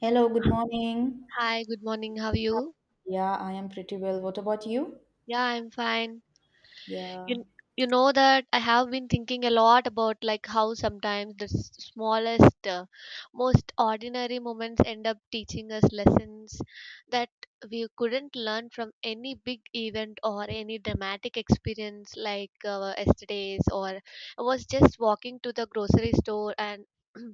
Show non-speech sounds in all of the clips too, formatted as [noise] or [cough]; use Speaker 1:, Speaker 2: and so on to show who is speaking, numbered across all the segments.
Speaker 1: Hello, good morning.
Speaker 2: Hi, good morning. How are you?
Speaker 1: Yeah, I am pretty well. What about you?
Speaker 2: Yeah, I'm fine.
Speaker 1: Yeah.
Speaker 2: You you know that I have been thinking a lot about like how sometimes the smallest, most ordinary moments end up teaching us lessons that we couldn't learn from any big event or any dramatic experience like yesterday's or I was just walking to the grocery store and [clears throat]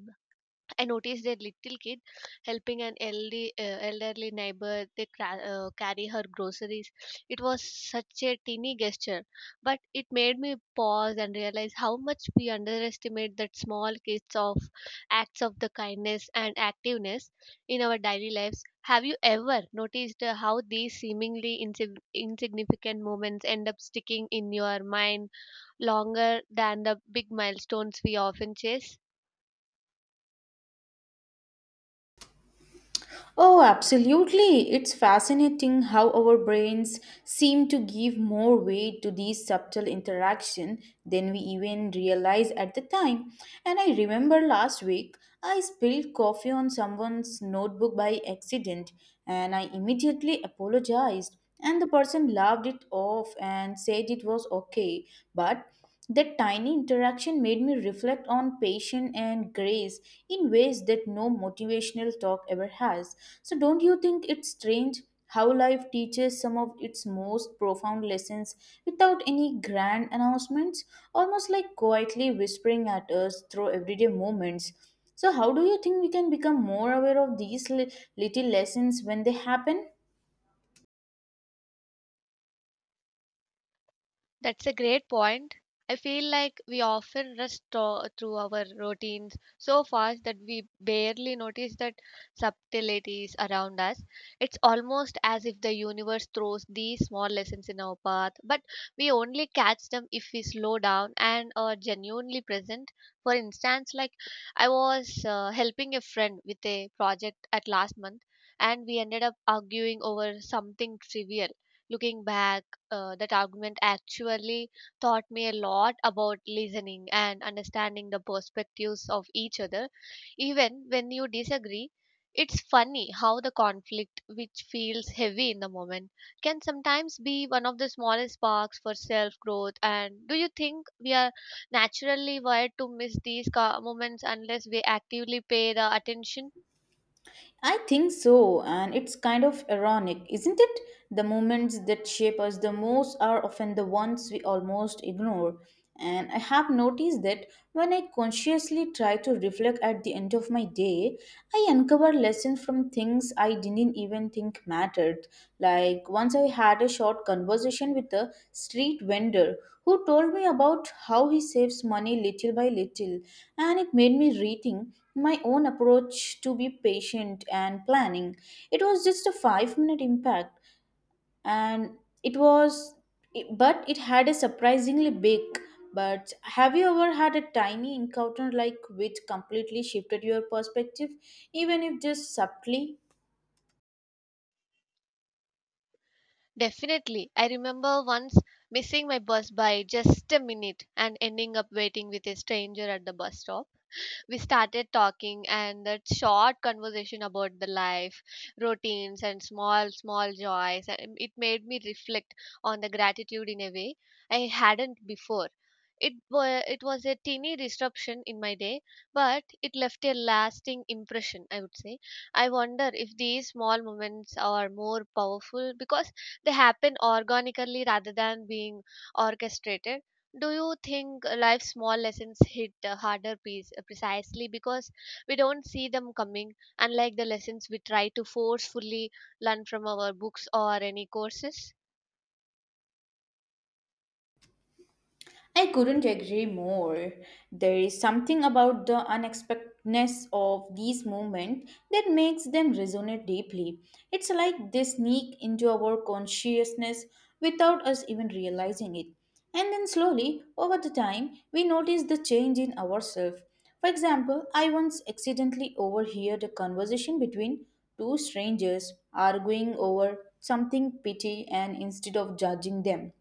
Speaker 2: I noticed a little kid helping an elderly neighbor they carry her groceries. It was such a teeny gesture, but it made me pause and realize how much we underestimate that small kids of acts of the kindness and activeness in our daily lives. Have you ever noticed how these seemingly insignificant moments end up sticking in your mind longer than the big milestones we often chase?
Speaker 1: Oh, absolutely. It's fascinating how our brains seem to give more weight to these subtle interaction than we even realize at the time. And I remember last week I spilled coffee on someone's notebook by accident and I immediately apologized, and the person laughed it off and said it was okay, but that tiny interaction made me reflect on patience and grace in ways that no motivational talk ever has. So, don't you think it's strange how life teaches some of its most profound lessons without any grand announcements, almost like quietly whispering at us through everyday moments? So, how do you think we can become more aware of these little lessons when they happen?
Speaker 2: That's a great point. I feel like we often rush through our routines so fast that we barely notice that subtleties around us. It's almost as if the universe throws these small lessons in our path, but we only catch them if we slow down and are genuinely present. For instance, like I was helping a friend with a project at last month, and we ended up arguing over something trivial. Looking back, that argument actually taught me a lot about listening and understanding the perspectives of each other even when you disagree. It's funny how the conflict which feels heavy in the moment can sometimes be one of the smallest sparks for self growth. And do you think we are naturally wired to miss these moments unless we actively pay the attention?
Speaker 1: I think so, and it's kind of ironic, isn't it? The moments that shape us the most are often the ones we almost ignore. And I have noticed that when I consciously try to reflect at the end of my day, I uncover lessons from things I didn't even think mattered. Like once I had a short conversation with a street vendor who told me about how he saves money little by little, and it made me rethink my own approach to be patient and planning. It was just a 5-minute minute impact and it was but it had a surprisingly big. But have you ever had a tiny encounter like which completely shifted your perspective, even if just subtly?
Speaker 2: Definitely. I remember once missing my bus by just a minute and ending up waiting with a stranger at the bus stop. We started talking, and that short conversation about the life routines and small joys, and it made me reflect on the gratitude in a way I hadn't before. It was it was a teeny disruption in my day, but it left a lasting impression, I would say. I wonder if these small moments are more powerful because they happen organically rather than being orchestrated. Do you think life's small lessons hit harder precisely because we don't see them coming, unlike the lessons we try to forcefully learn from our books or any courses?
Speaker 1: I couldn't agree more. There is something about the unexpectedness of these movements that makes them resonate deeply. It's like they sneak into our consciousness without us even realizing it. And then slowly, over the time, we notice the change in ourselves. For example, I once accidentally overheard a conversation between two strangers arguing over something petty, and instead of judging them,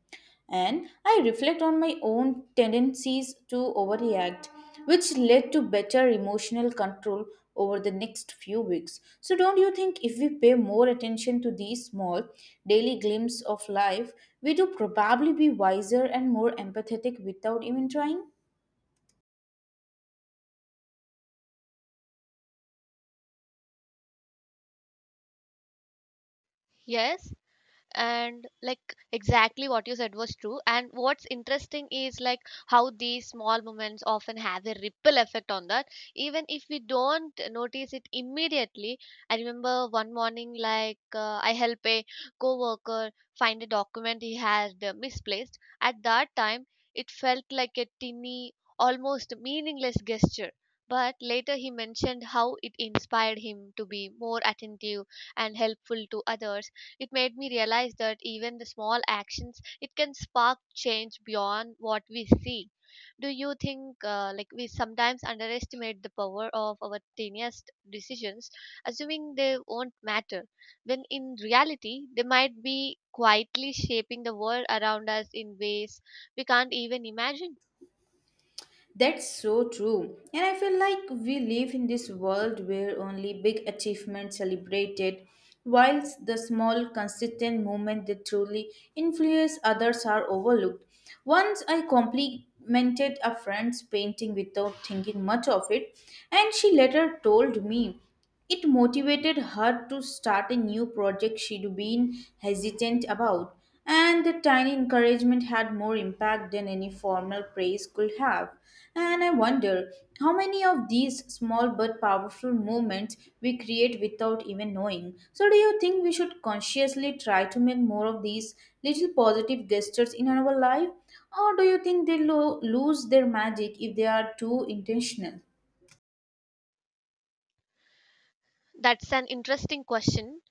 Speaker 1: and I reflect on my own tendencies to overreact, which led to better emotional control over the next few weeks. So, don't you think if we pay more attention to these small daily glimpses of life, we do probably be wiser and more empathetic without even trying?
Speaker 2: Yes, and like exactly what you said was true. And what's interesting is like how these small moments often have a ripple effect on that, even if we don't notice it immediately. I remember one morning, like I help a coworker find a document he had misplaced at that time. It felt like a tiny, almost meaningless gesture, but later he mentioned how it inspired him to be more attentive and helpful to others. It made me realize that even the small actions it can spark change beyond what we see. Do you think like we sometimes underestimate the power of our tiniest decisions, assuming they won't matter, when in reality they might be quietly shaping the world around us in ways we can't even imagine?
Speaker 1: That's so true. And I feel like we live in this world where only big achievements celebrated, whilst the small, consistent movements that truly influence others are overlooked. Once I complimented a friend's painting without thinking much of it, and she later told me it motivated her to start a new project she'd been hesitant about, and the tiny encouragement had more impact than any formal praise could have. And I wonder how many of these small but powerful movements we create without even knowing. So, do you think we should consciously try to make more of these little positive gestures in our life, or do you think they lose their magic if they are too intentional?
Speaker 2: That's an interesting question.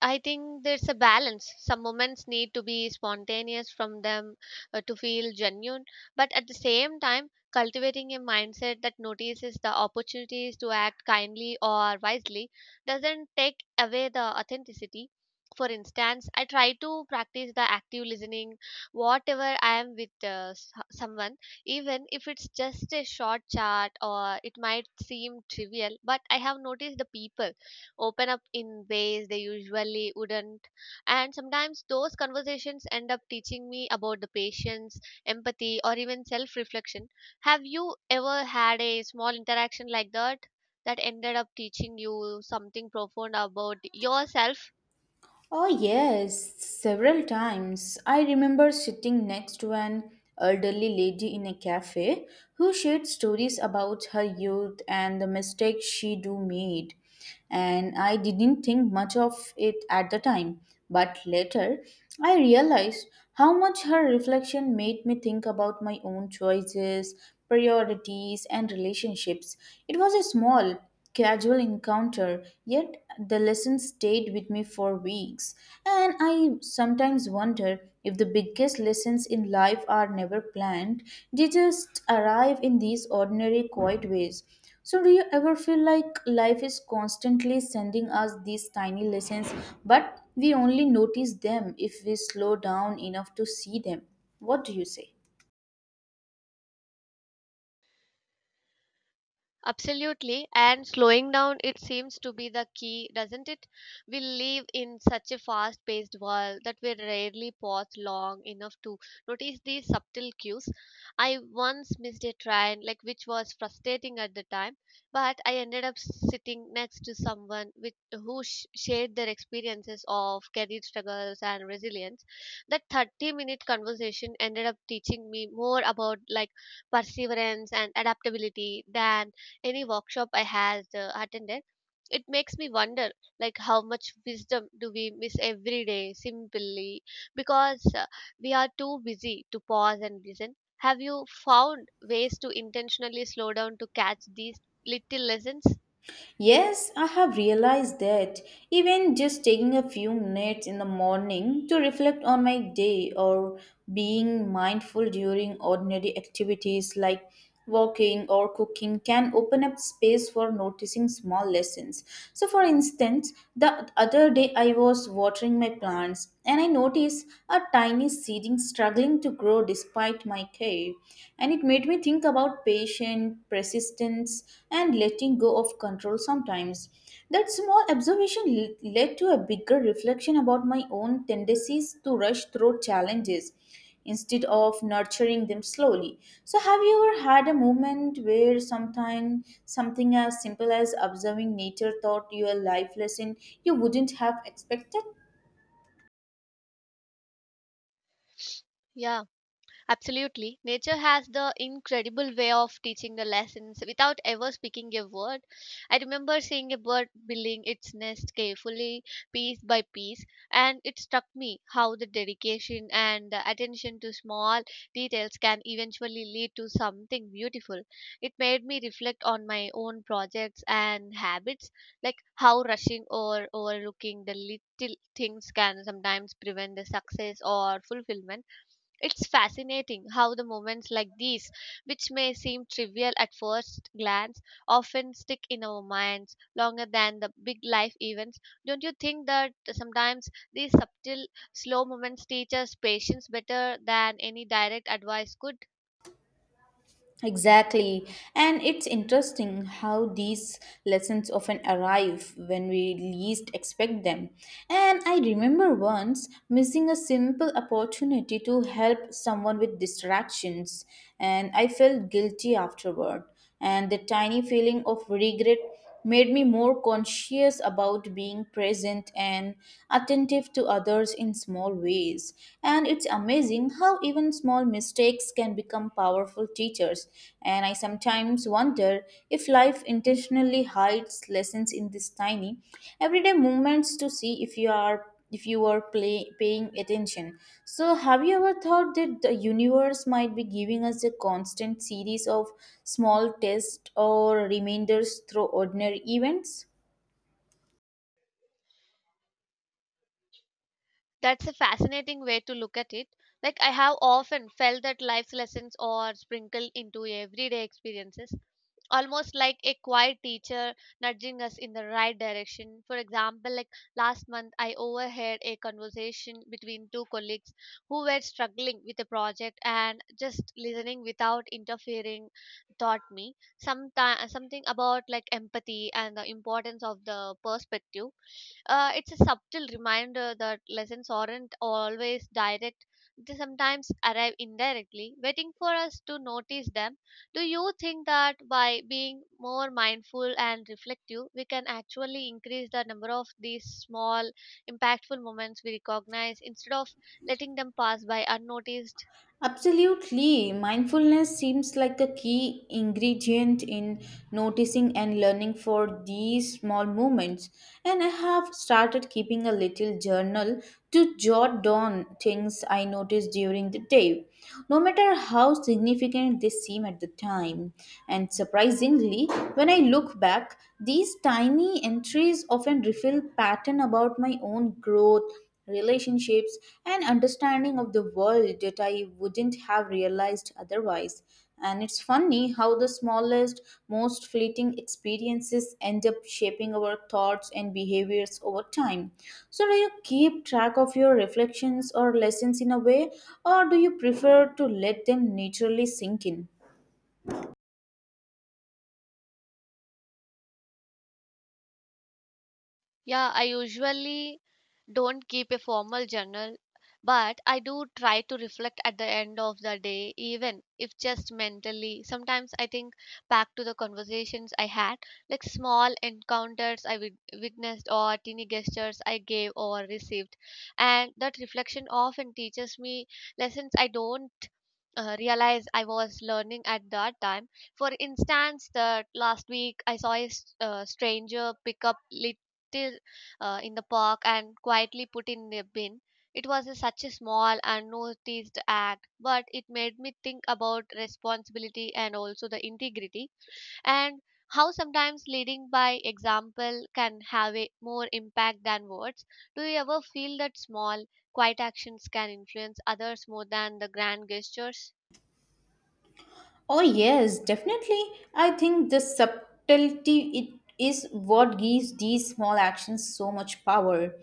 Speaker 2: I think there's a balance. Some moments need to be spontaneous from them to feel genuine, but at the same time, cultivating a mindset that notices the opportunities to act kindly or wisely doesn't take away the authenticity. For instance, I try to practice the active listening, whatever I am with someone, even if it's just a short chat or it might seem trivial, but I have noticed the people open up in ways they usually wouldn't. And sometimes those conversations end up teaching me about the patience, empathy, or even self reflection. Have you ever had a small interaction like that ended up teaching you something profound about yourself?
Speaker 1: Oh, yes, several times. I remember sitting next to an elderly lady in a cafe who shared stories about her youth and the mistakes she do made. And I didn't think much of it at the time, but later I realized how much her reflection made me think about my own choices, priorities, and relationships. It was a small, casual encounter, yet the lesson stayed with me for weeks. And I sometimes wonder if the biggest lessons in life are never planned, they just arrive in these ordinary, quiet ways. So, do you ever feel like life is constantly sending us these tiny lessons, but we only notice them if we slow down enough to see them? What do you say?
Speaker 2: Absolutely. And slowing down, it seems to be the key, doesn't it? We live in such a fast paced world that we rarely pause long enough to notice these subtle cues. I once missed a train, like which was frustrating at the time, but I ended up sitting next to someone who shared their experiences of career struggles and resilience. That 30-minute conversation ended up teaching me more about like perseverance and adaptability than any workshop I has attended. It makes me wonder like how much wisdom do we miss every day simply because we are too busy to pause and listen. Have you found ways to intentionally slow down to catch these little lessons?
Speaker 1: Yes, I have realized that even just taking a few minutes in the morning to reflect on my day or being mindful during ordinary activities like walking or cooking can open up space for noticing small lessons. So, for instance, the other day I was watering my plants and I noticed a tiny seedling struggling to grow despite my care way. And it made me think about patience, persistence, and letting go of control sometimes. That small observation led to a bigger reflection about my own tendencies to rush through challenges instead of nurturing them slowly. So, have you ever had a moment where sometime something as simple as observing nature taught you a life lesson you wouldn't have expected?
Speaker 2: Yeah. Absolutely. Nature has the incredible way of teaching the lessons without ever speaking a word. I remember seeing a bird building its nest carefully, piece by piece, and it struck me how the dedication and the attention to small details can eventually lead to something beautiful. It made me reflect on my own projects and habits, like how rushing or overlooking the little things can sometimes prevent the success or fulfillment. It's fascinating how the moments like these, which may seem trivial at first glance, often stick in our minds longer than the big life events. Don't you think that sometimes these subtle, slow moments teach us patience better than any direct advice could?
Speaker 1: Exactly. And it's interesting how these lessons often arrive when we least expect them. And I remember once missing a simple opportunity to help someone with distractions, and I felt guilty afterward, and the tiny feeling of regret made me more conscious about being present and attentive to others in small ways. And it's amazing how even small mistakes can become powerful teachers. And I sometimes wonder if life intentionally hides lessons in these tiny everyday moments to see if you were paying attention. So, have you ever thought that the universe might be giving us a constant series of small tests or reminders through ordinary events?
Speaker 2: That's a fascinating way to look at it. Like, I have often felt that life's lessons are sprinkled into everyday experiences almost like a quiet teacher nudging us in the right direction. For example, like last month I overheard a conversation between two colleagues who were struggling with a project, and just listening without interfering taught me something about like empathy and the importance of the perspective. It's a subtle reminder that lessons aren't always direct, they sometimes arrive indirectly, waiting for us to notice them. Do you think that by being more mindful and reflective, we can actually increase the number of these small, impactful moments we recognize instead of letting them pass by unnoticed?
Speaker 1: Absolutely. Mindfulness seems like a key ingredient in noticing and learning for these small moments. And I have started keeping a little journal to jot down things I notice during the day, no matter how significant they seem at the time. And surprisingly, when I look back, these tiny entries often reveal pattern about my own growth, relationships, and understanding of the world that I wouldn't have realized otherwise. And it's funny how the smallest, most fleeting experiences end up shaping our thoughts and behaviors over time. So, do you keep track of your reflections or lessons in a way, or do you prefer to let them naturally sink in?
Speaker 2: Yeah, I usually don't keep a formal journal, but I do try to reflect at the end of the day, even if just mentally. Sometimes I think back to the conversations I had, like small encounters I witnessed, or teeny gestures I gave or received. And that reflection often teaches me lessons I don't realize I was learning at that time. For instance, that last week I saw a stranger pick up little in the park and quietly put in the bin. It was such a small and noticed act, but it made me think about responsibility and also the integrity and how sometimes leading by example can have a more impact than words. Do you ever feel that small, quiet actions can influence others more than the grand gestures?
Speaker 1: Oh, yes, definitely. I think the subtlety it is what gives these small actions so much power.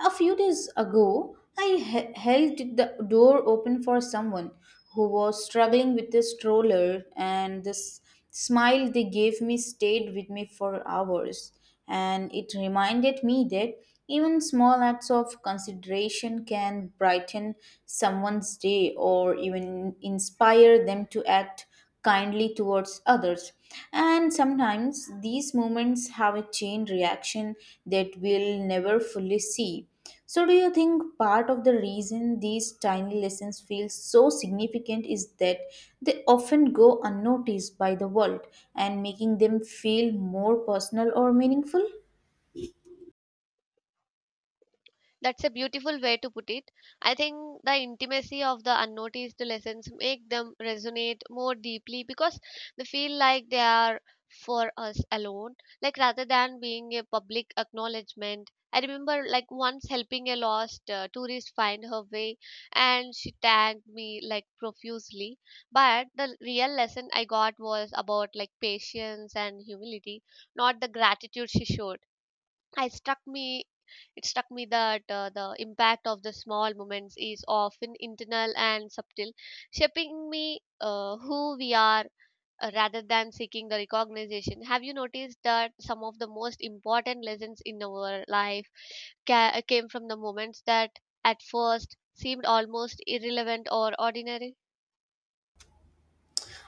Speaker 1: A few days ago, I held the door open for someone who was struggling with a stroller, and the smile they gave me stayed with me for hours. And it reminded me that even small acts of consideration can brighten someone's day or even inspire them to act kindly towards others. And sometimes these moments have a chain reaction that we'll never fully see. So, do you think part of the reason these tiny lessons feel so significant is that they often go unnoticed by the world and making them feel more personal or meaningful?
Speaker 2: That's a beautiful way to put it. I think the intimacy of the unnoticed lessons make them resonate more deeply because they feel like they are for us alone, like rather than being a public acknowledgement. I remember like once helping a lost tourist find her way, and she thanked me like profusely. But the real lesson I got was about like patience and humility, not the gratitude she showed. I struck me it struck me that the impact of the small moments is often internal and subtle, shaping me who we are rather than seeking the recognition. Have you noticed that some of the most important lessons in our life came from the moments that at first seemed almost irrelevant or ordinary?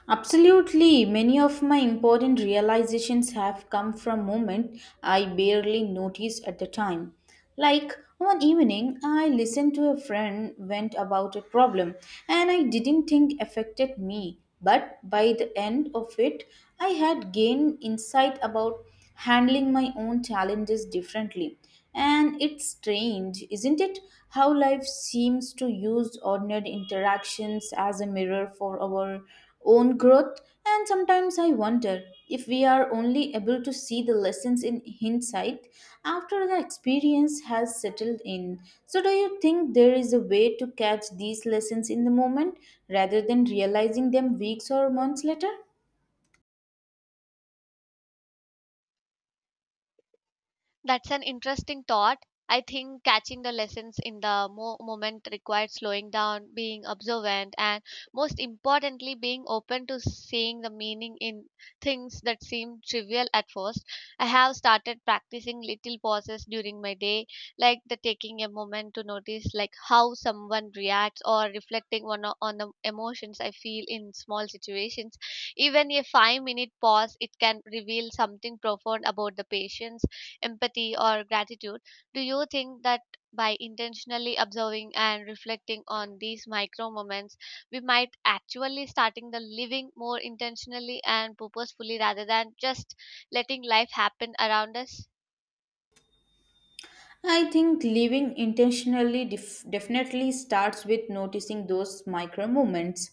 Speaker 1: Absolutely, many of my important realizations have come from moments I barely noticed at the time. Like one evening, I listened to a friend vent about a problem, and I didn't think affected me. But by the end of it, I had gained insight about handling my own challenges differently. And it's strange, isn't it, how life seems to use ordinary interactions as a mirror for our own growth? And sometimes I wonder if we are only able to see the lessons in hindsight after the experience has settled in. So, do you think there is a way to catch these lessons in the moment rather than realizing them weeks or months later?
Speaker 2: That's an interesting thought. I think catching the lessons in the moment requires slowing down, being observant, and most importantly, being open to seeing the meaning in things that seem trivial at first. I have started practicing little pauses during my day, like the taking a moment to notice like how someone reacts or reflecting on the emotions I feel in small situations. Even a 5-minute pause, it can reveal something profound about the patience, empathy, or gratitude. Do you think that by intentionally observing and reflecting on these micro moments, we might actually starting the living more intentionally and purposefully rather than just letting life happen around us?
Speaker 1: I think living intentionally definitely starts with noticing those micro moments.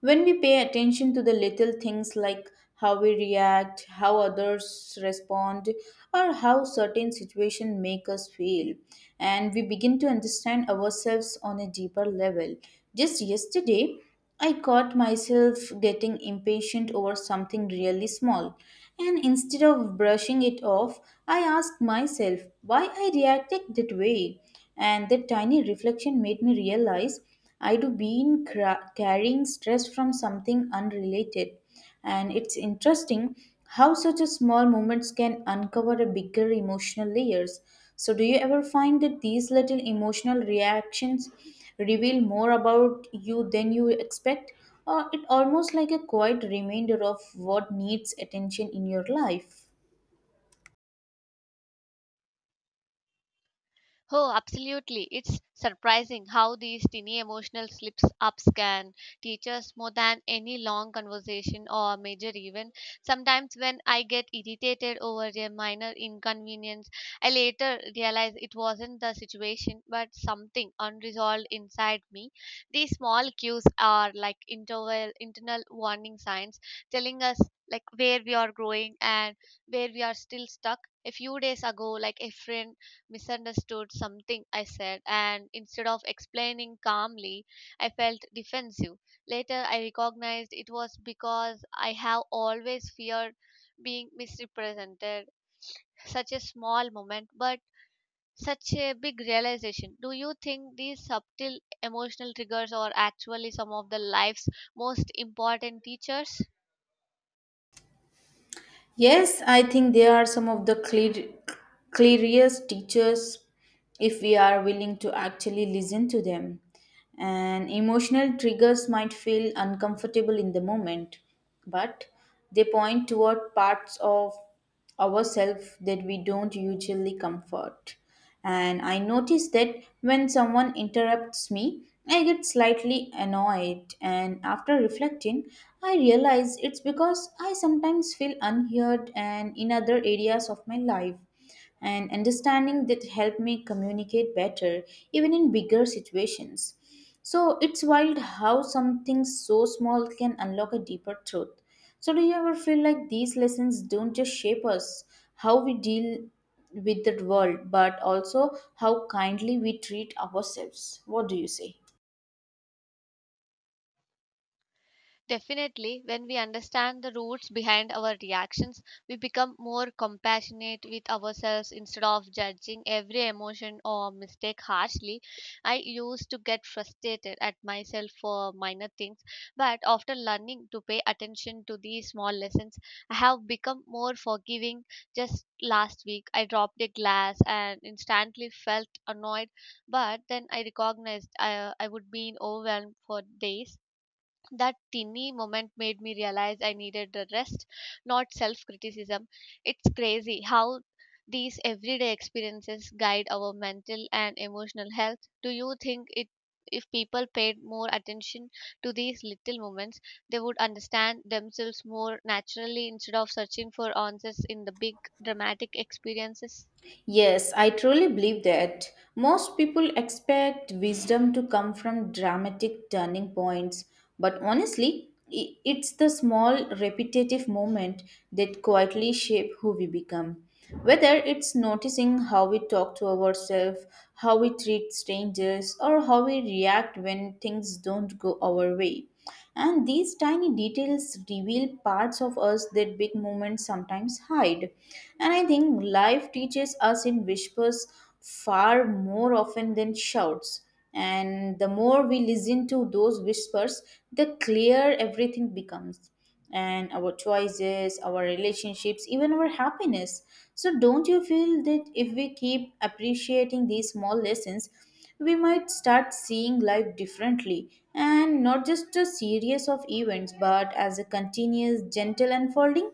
Speaker 1: When we pay attention to the little things like how we react, how others respond, or how certain situations make us feel, and we begin to understand ourselves on a deeper level. Just yesterday, I caught myself getting impatient over something really small, and instead of brushing it off, I asked myself why I reacted that way. And that tiny reflection made me realize I do been carrying stress from something unrelated, and it's interesting how such a small moments can uncover a bigger emotional layers. So, do you ever find that these little emotional reactions reveal more about you than you expect, or it almost like a quiet reminder of what needs attention in your life?
Speaker 2: Oh, absolutely. It's surprising how these teeny emotional slips ups can teach us more than any long conversation or major event. Sometimes, when I get irritated over a minor inconvenience, I later realize it wasn't the situation but something unresolved inside me. These small cues are like internal warning signs telling us like where we are growing and where we are still stuck. A few days ago, like a friend misunderstood something I said, and instead of explaining calmly, I felt defensive. Later, I recognized it was because I have always feared being misrepresented. Such a small moment, but such a big realization. Do you think these subtle emotional triggers are actually some of the life's most important teachers?
Speaker 1: Yes, I think they are some of the clearest teachers if we are willing to actually listen to them. And emotional triggers might feel uncomfortable in the moment, but they point toward parts of ourselves that we don't usually comfort. And I notice that when someone interrupts me, I get slightly annoyed. And after reflecting, I realize it's because I sometimes feel unheard and in other areas of my life, and understanding that helped me communicate better even in bigger situations. So it's wild how something so small can unlock a deeper truth. So, do you ever feel like these lessons don't just shape us, how we deal with the world, but also how kindly we treat ourselves? What do you say?
Speaker 2: Definitely, when we understand the roots behind our reactions, we become more compassionate with ourselves instead of judging every emotion or mistake harshly. I used to get frustrated at myself for minor things, but after learning to pay attention to these small lessons, I have become more forgiving. Just last week, I dropped a glass and instantly felt annoyed, but then I recognized I would be overwhelmed for days. That teeny moment made me realize I needed the rest, not self criticism. It's crazy how these everyday experiences guide our mental and emotional health. Do you think it if people paid more attention to these little moments, they would understand themselves more naturally instead of searching for answers in the big dramatic experiences?
Speaker 1: Yes, I truly believe that. Most people expect wisdom to come from dramatic turning points, but honestly, it's the small repetitive moment that quietly shape who we become. Whether it's noticing how we talk to ourselves, how we treat strangers, or how we react when things don't go our way. And these tiny details reveal parts of us that big moments sometimes hide. And I think life teaches us in whispers far more often than shouts. And the more we listen to those whispers, the clearer everything becomes. And our choices, our relationships, even our happiness. So, don't you feel that if we keep appreciating these small lessons, we might start seeing life differently and not just a series of events but as a continuous gentle unfolding?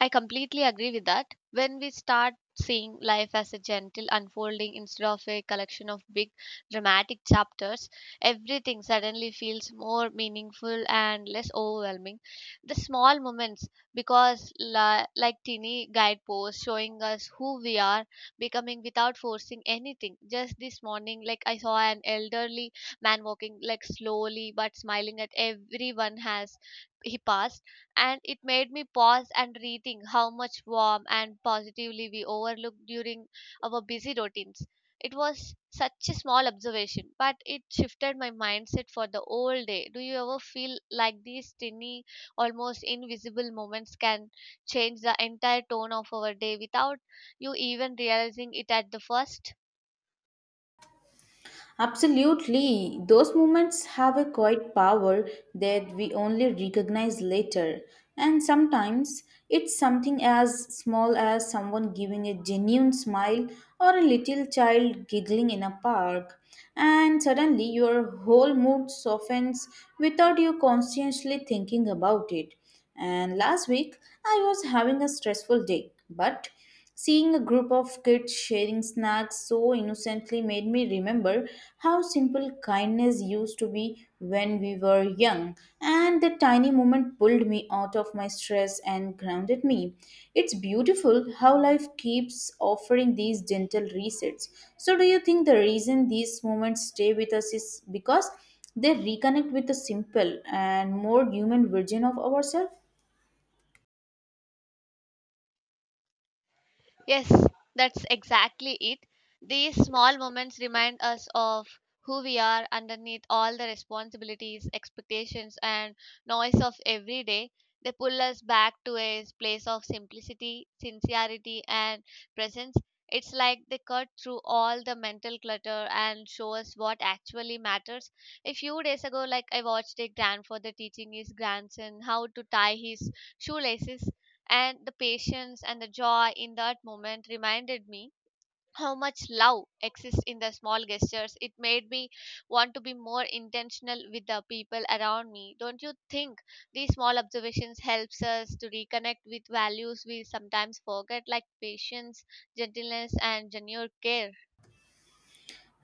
Speaker 2: I completely agree with that. When we start seeing life as a gentle unfolding instead of a collection of big dramatic chapters, everything suddenly feels more meaningful and less overwhelming. The small moments, because like teeny guideposts showing us who we are, becoming without forcing anything. Just this morning, like I saw an elderly man walking like slowly but smiling at everyone has he passed, and it made me pause and rethink how much warm and positively we overlooked during our busy routines. It was such a small observation, but it shifted my mindset for the whole day. Do you ever feel like these tiny, almost invisible moments can change the entire tone of our day without you even realizing it at the first?
Speaker 1: Absolutely. Those moments have a quiet power that we only recognize later. And sometimes it's something as small as someone giving a genuine smile or a little child giggling in a park. And suddenly your whole mood softens without you consciously thinking about it. And last week I was having a stressful day, but seeing a group of kids sharing snacks so innocently made me remember how simple kindness used to be when we were young, and that tiny moment pulled me out of my stress and grounded me. It's beautiful how life keeps offering these gentle resets. So, do you think the reason these moments stay with us is because they reconnect with a simple and more human version of ourselves?
Speaker 2: Yes, that's exactly it. These small moments remind us of who we are underneath all the responsibilities, expectations, and noise of every day. They pull us back to a place of simplicity, sincerity, and presence. It's like they cut through all the mental clutter and show us what actually matters. A few days ago, like I watched a grandfather teaching his grandson how to tie his shoelaces, and the patience and the joy in that moment reminded me how much love exists in the small gestures. It made me want to be more intentional with the people around me. Don't you think these small observations helps us to reconnect with values we sometimes forget, like patience, gentleness, and genuine care?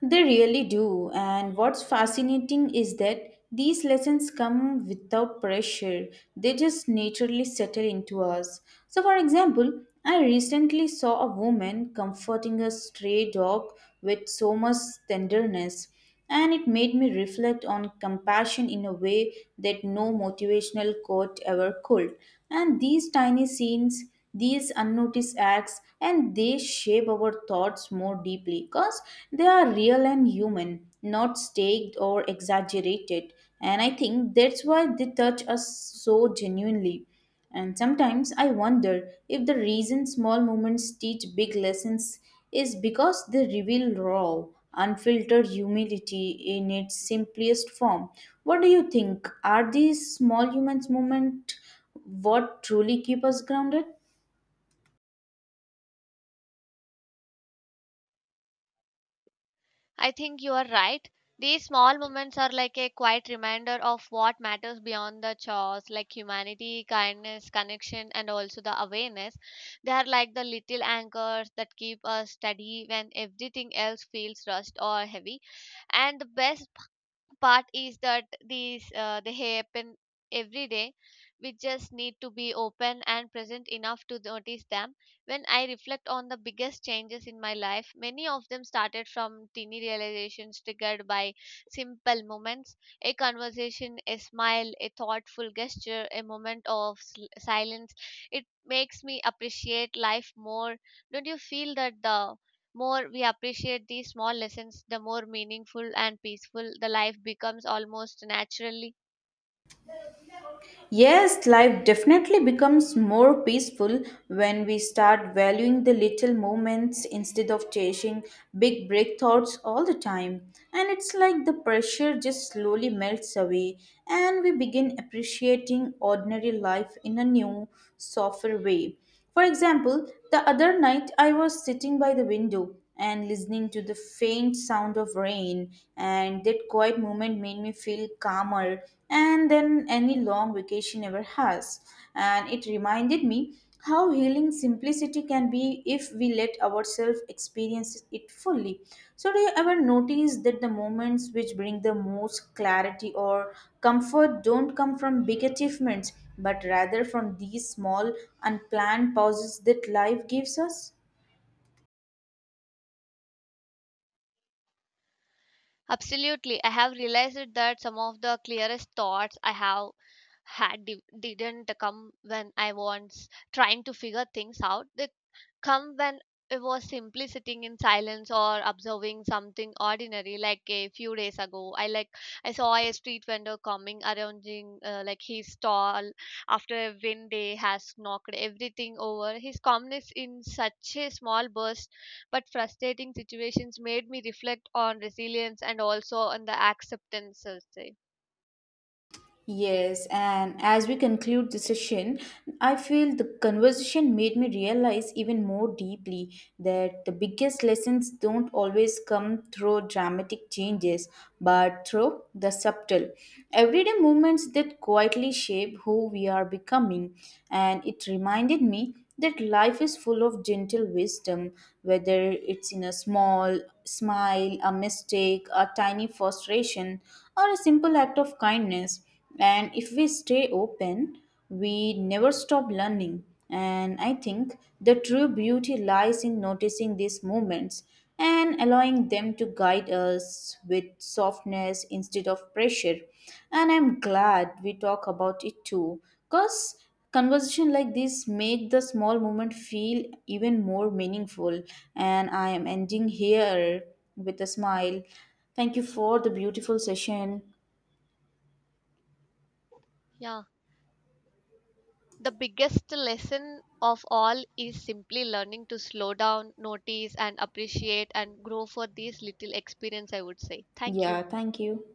Speaker 1: They really do. And what's fascinating is that these lessons come without pressure, they just naturally settle into us. So, for example, I recently saw a woman comforting a stray dog with so much tenderness. And it made me reflect on compassion in a way that no motivational quote ever could. And these tiny scenes, these unnoticed acts, and they shape our thoughts more deeply because they are real and human, not staged or exaggerated. And I think that's why they touch us so genuinely. And sometimes I wonder if the reason small moments teach big lessons is because they reveal raw, unfiltered humility in its simplest form. What do you think? Are these small humans moment what truly keep us grounded?
Speaker 2: I think you are right. These small moments are like a quiet reminder of what matters beyond the chores, like humanity, kindness, connection, and also the awareness. They are like the little anchors that keep us steady when everything else feels rushed or heavy. And the best part is that these they happen every day. We just need to be open and present enough to notice them. When I reflect on the biggest changes in my life, many of them started from teeny realizations triggered by simple moments: a conversation, a smile, a thoughtful gesture, a moment of silence. It makes me appreciate life more. Don't you feel that the more we appreciate these small lessons, the more meaningful and peaceful the life becomes almost naturally?
Speaker 1: Yes, life definitely becomes more peaceful when we start valuing the little moments instead of chasing big break thoughts all the time. And it's like the pressure just slowly melts away and we begin appreciating ordinary life in a new, softer way. For example, the other night I was sitting by the window and listening to the faint sound of rain, and that quiet moment made me feel calmer and than any long vacation ever has. And it reminded me how healing simplicity can be if we let ourselves experience it fully. So, do you ever notice that the moments which bring the most clarity or comfort don't come from big achievements, but rather from these small, unplanned pauses that life gives us?
Speaker 2: Absolutely, I have realized that some of the clearest thoughts I have had didn't come when I was trying to figure things out. They come when it was simply sitting in silence or observing something ordinary. Like a few days ago, I saw a street vendor coming arranging like his stall after a wind day has knocked everything over. His calmness in such a small burst but frustrating situations made me reflect on resilience and also on the acceptance, I'll say.
Speaker 1: Yes, and as we conclude the session, I feel the conversation made me realize even more deeply that the biggest lessons don't always come through dramatic changes, but through the subtle, everyday movements that quietly shape who we are becoming. And it reminded me that life is full of gentle wisdom, whether it's in a small smile, a mistake, a tiny frustration, or a simple act of kindness. And if we stay open, we never stop learning. And I think the true beauty lies in noticing these moments and allowing them to guide us with softness instead of pressure. And I'm glad we talk about it too, because conversation like this make the small moment feel even more meaningful. And I am ending here with a smile. Thank you for the beautiful session.
Speaker 2: Yeah. The biggest lesson of all is simply learning to slow down, notice, and appreciate and grow for these little experience, I would say. Thank
Speaker 1: Yeah,
Speaker 2: you.
Speaker 1: thank you.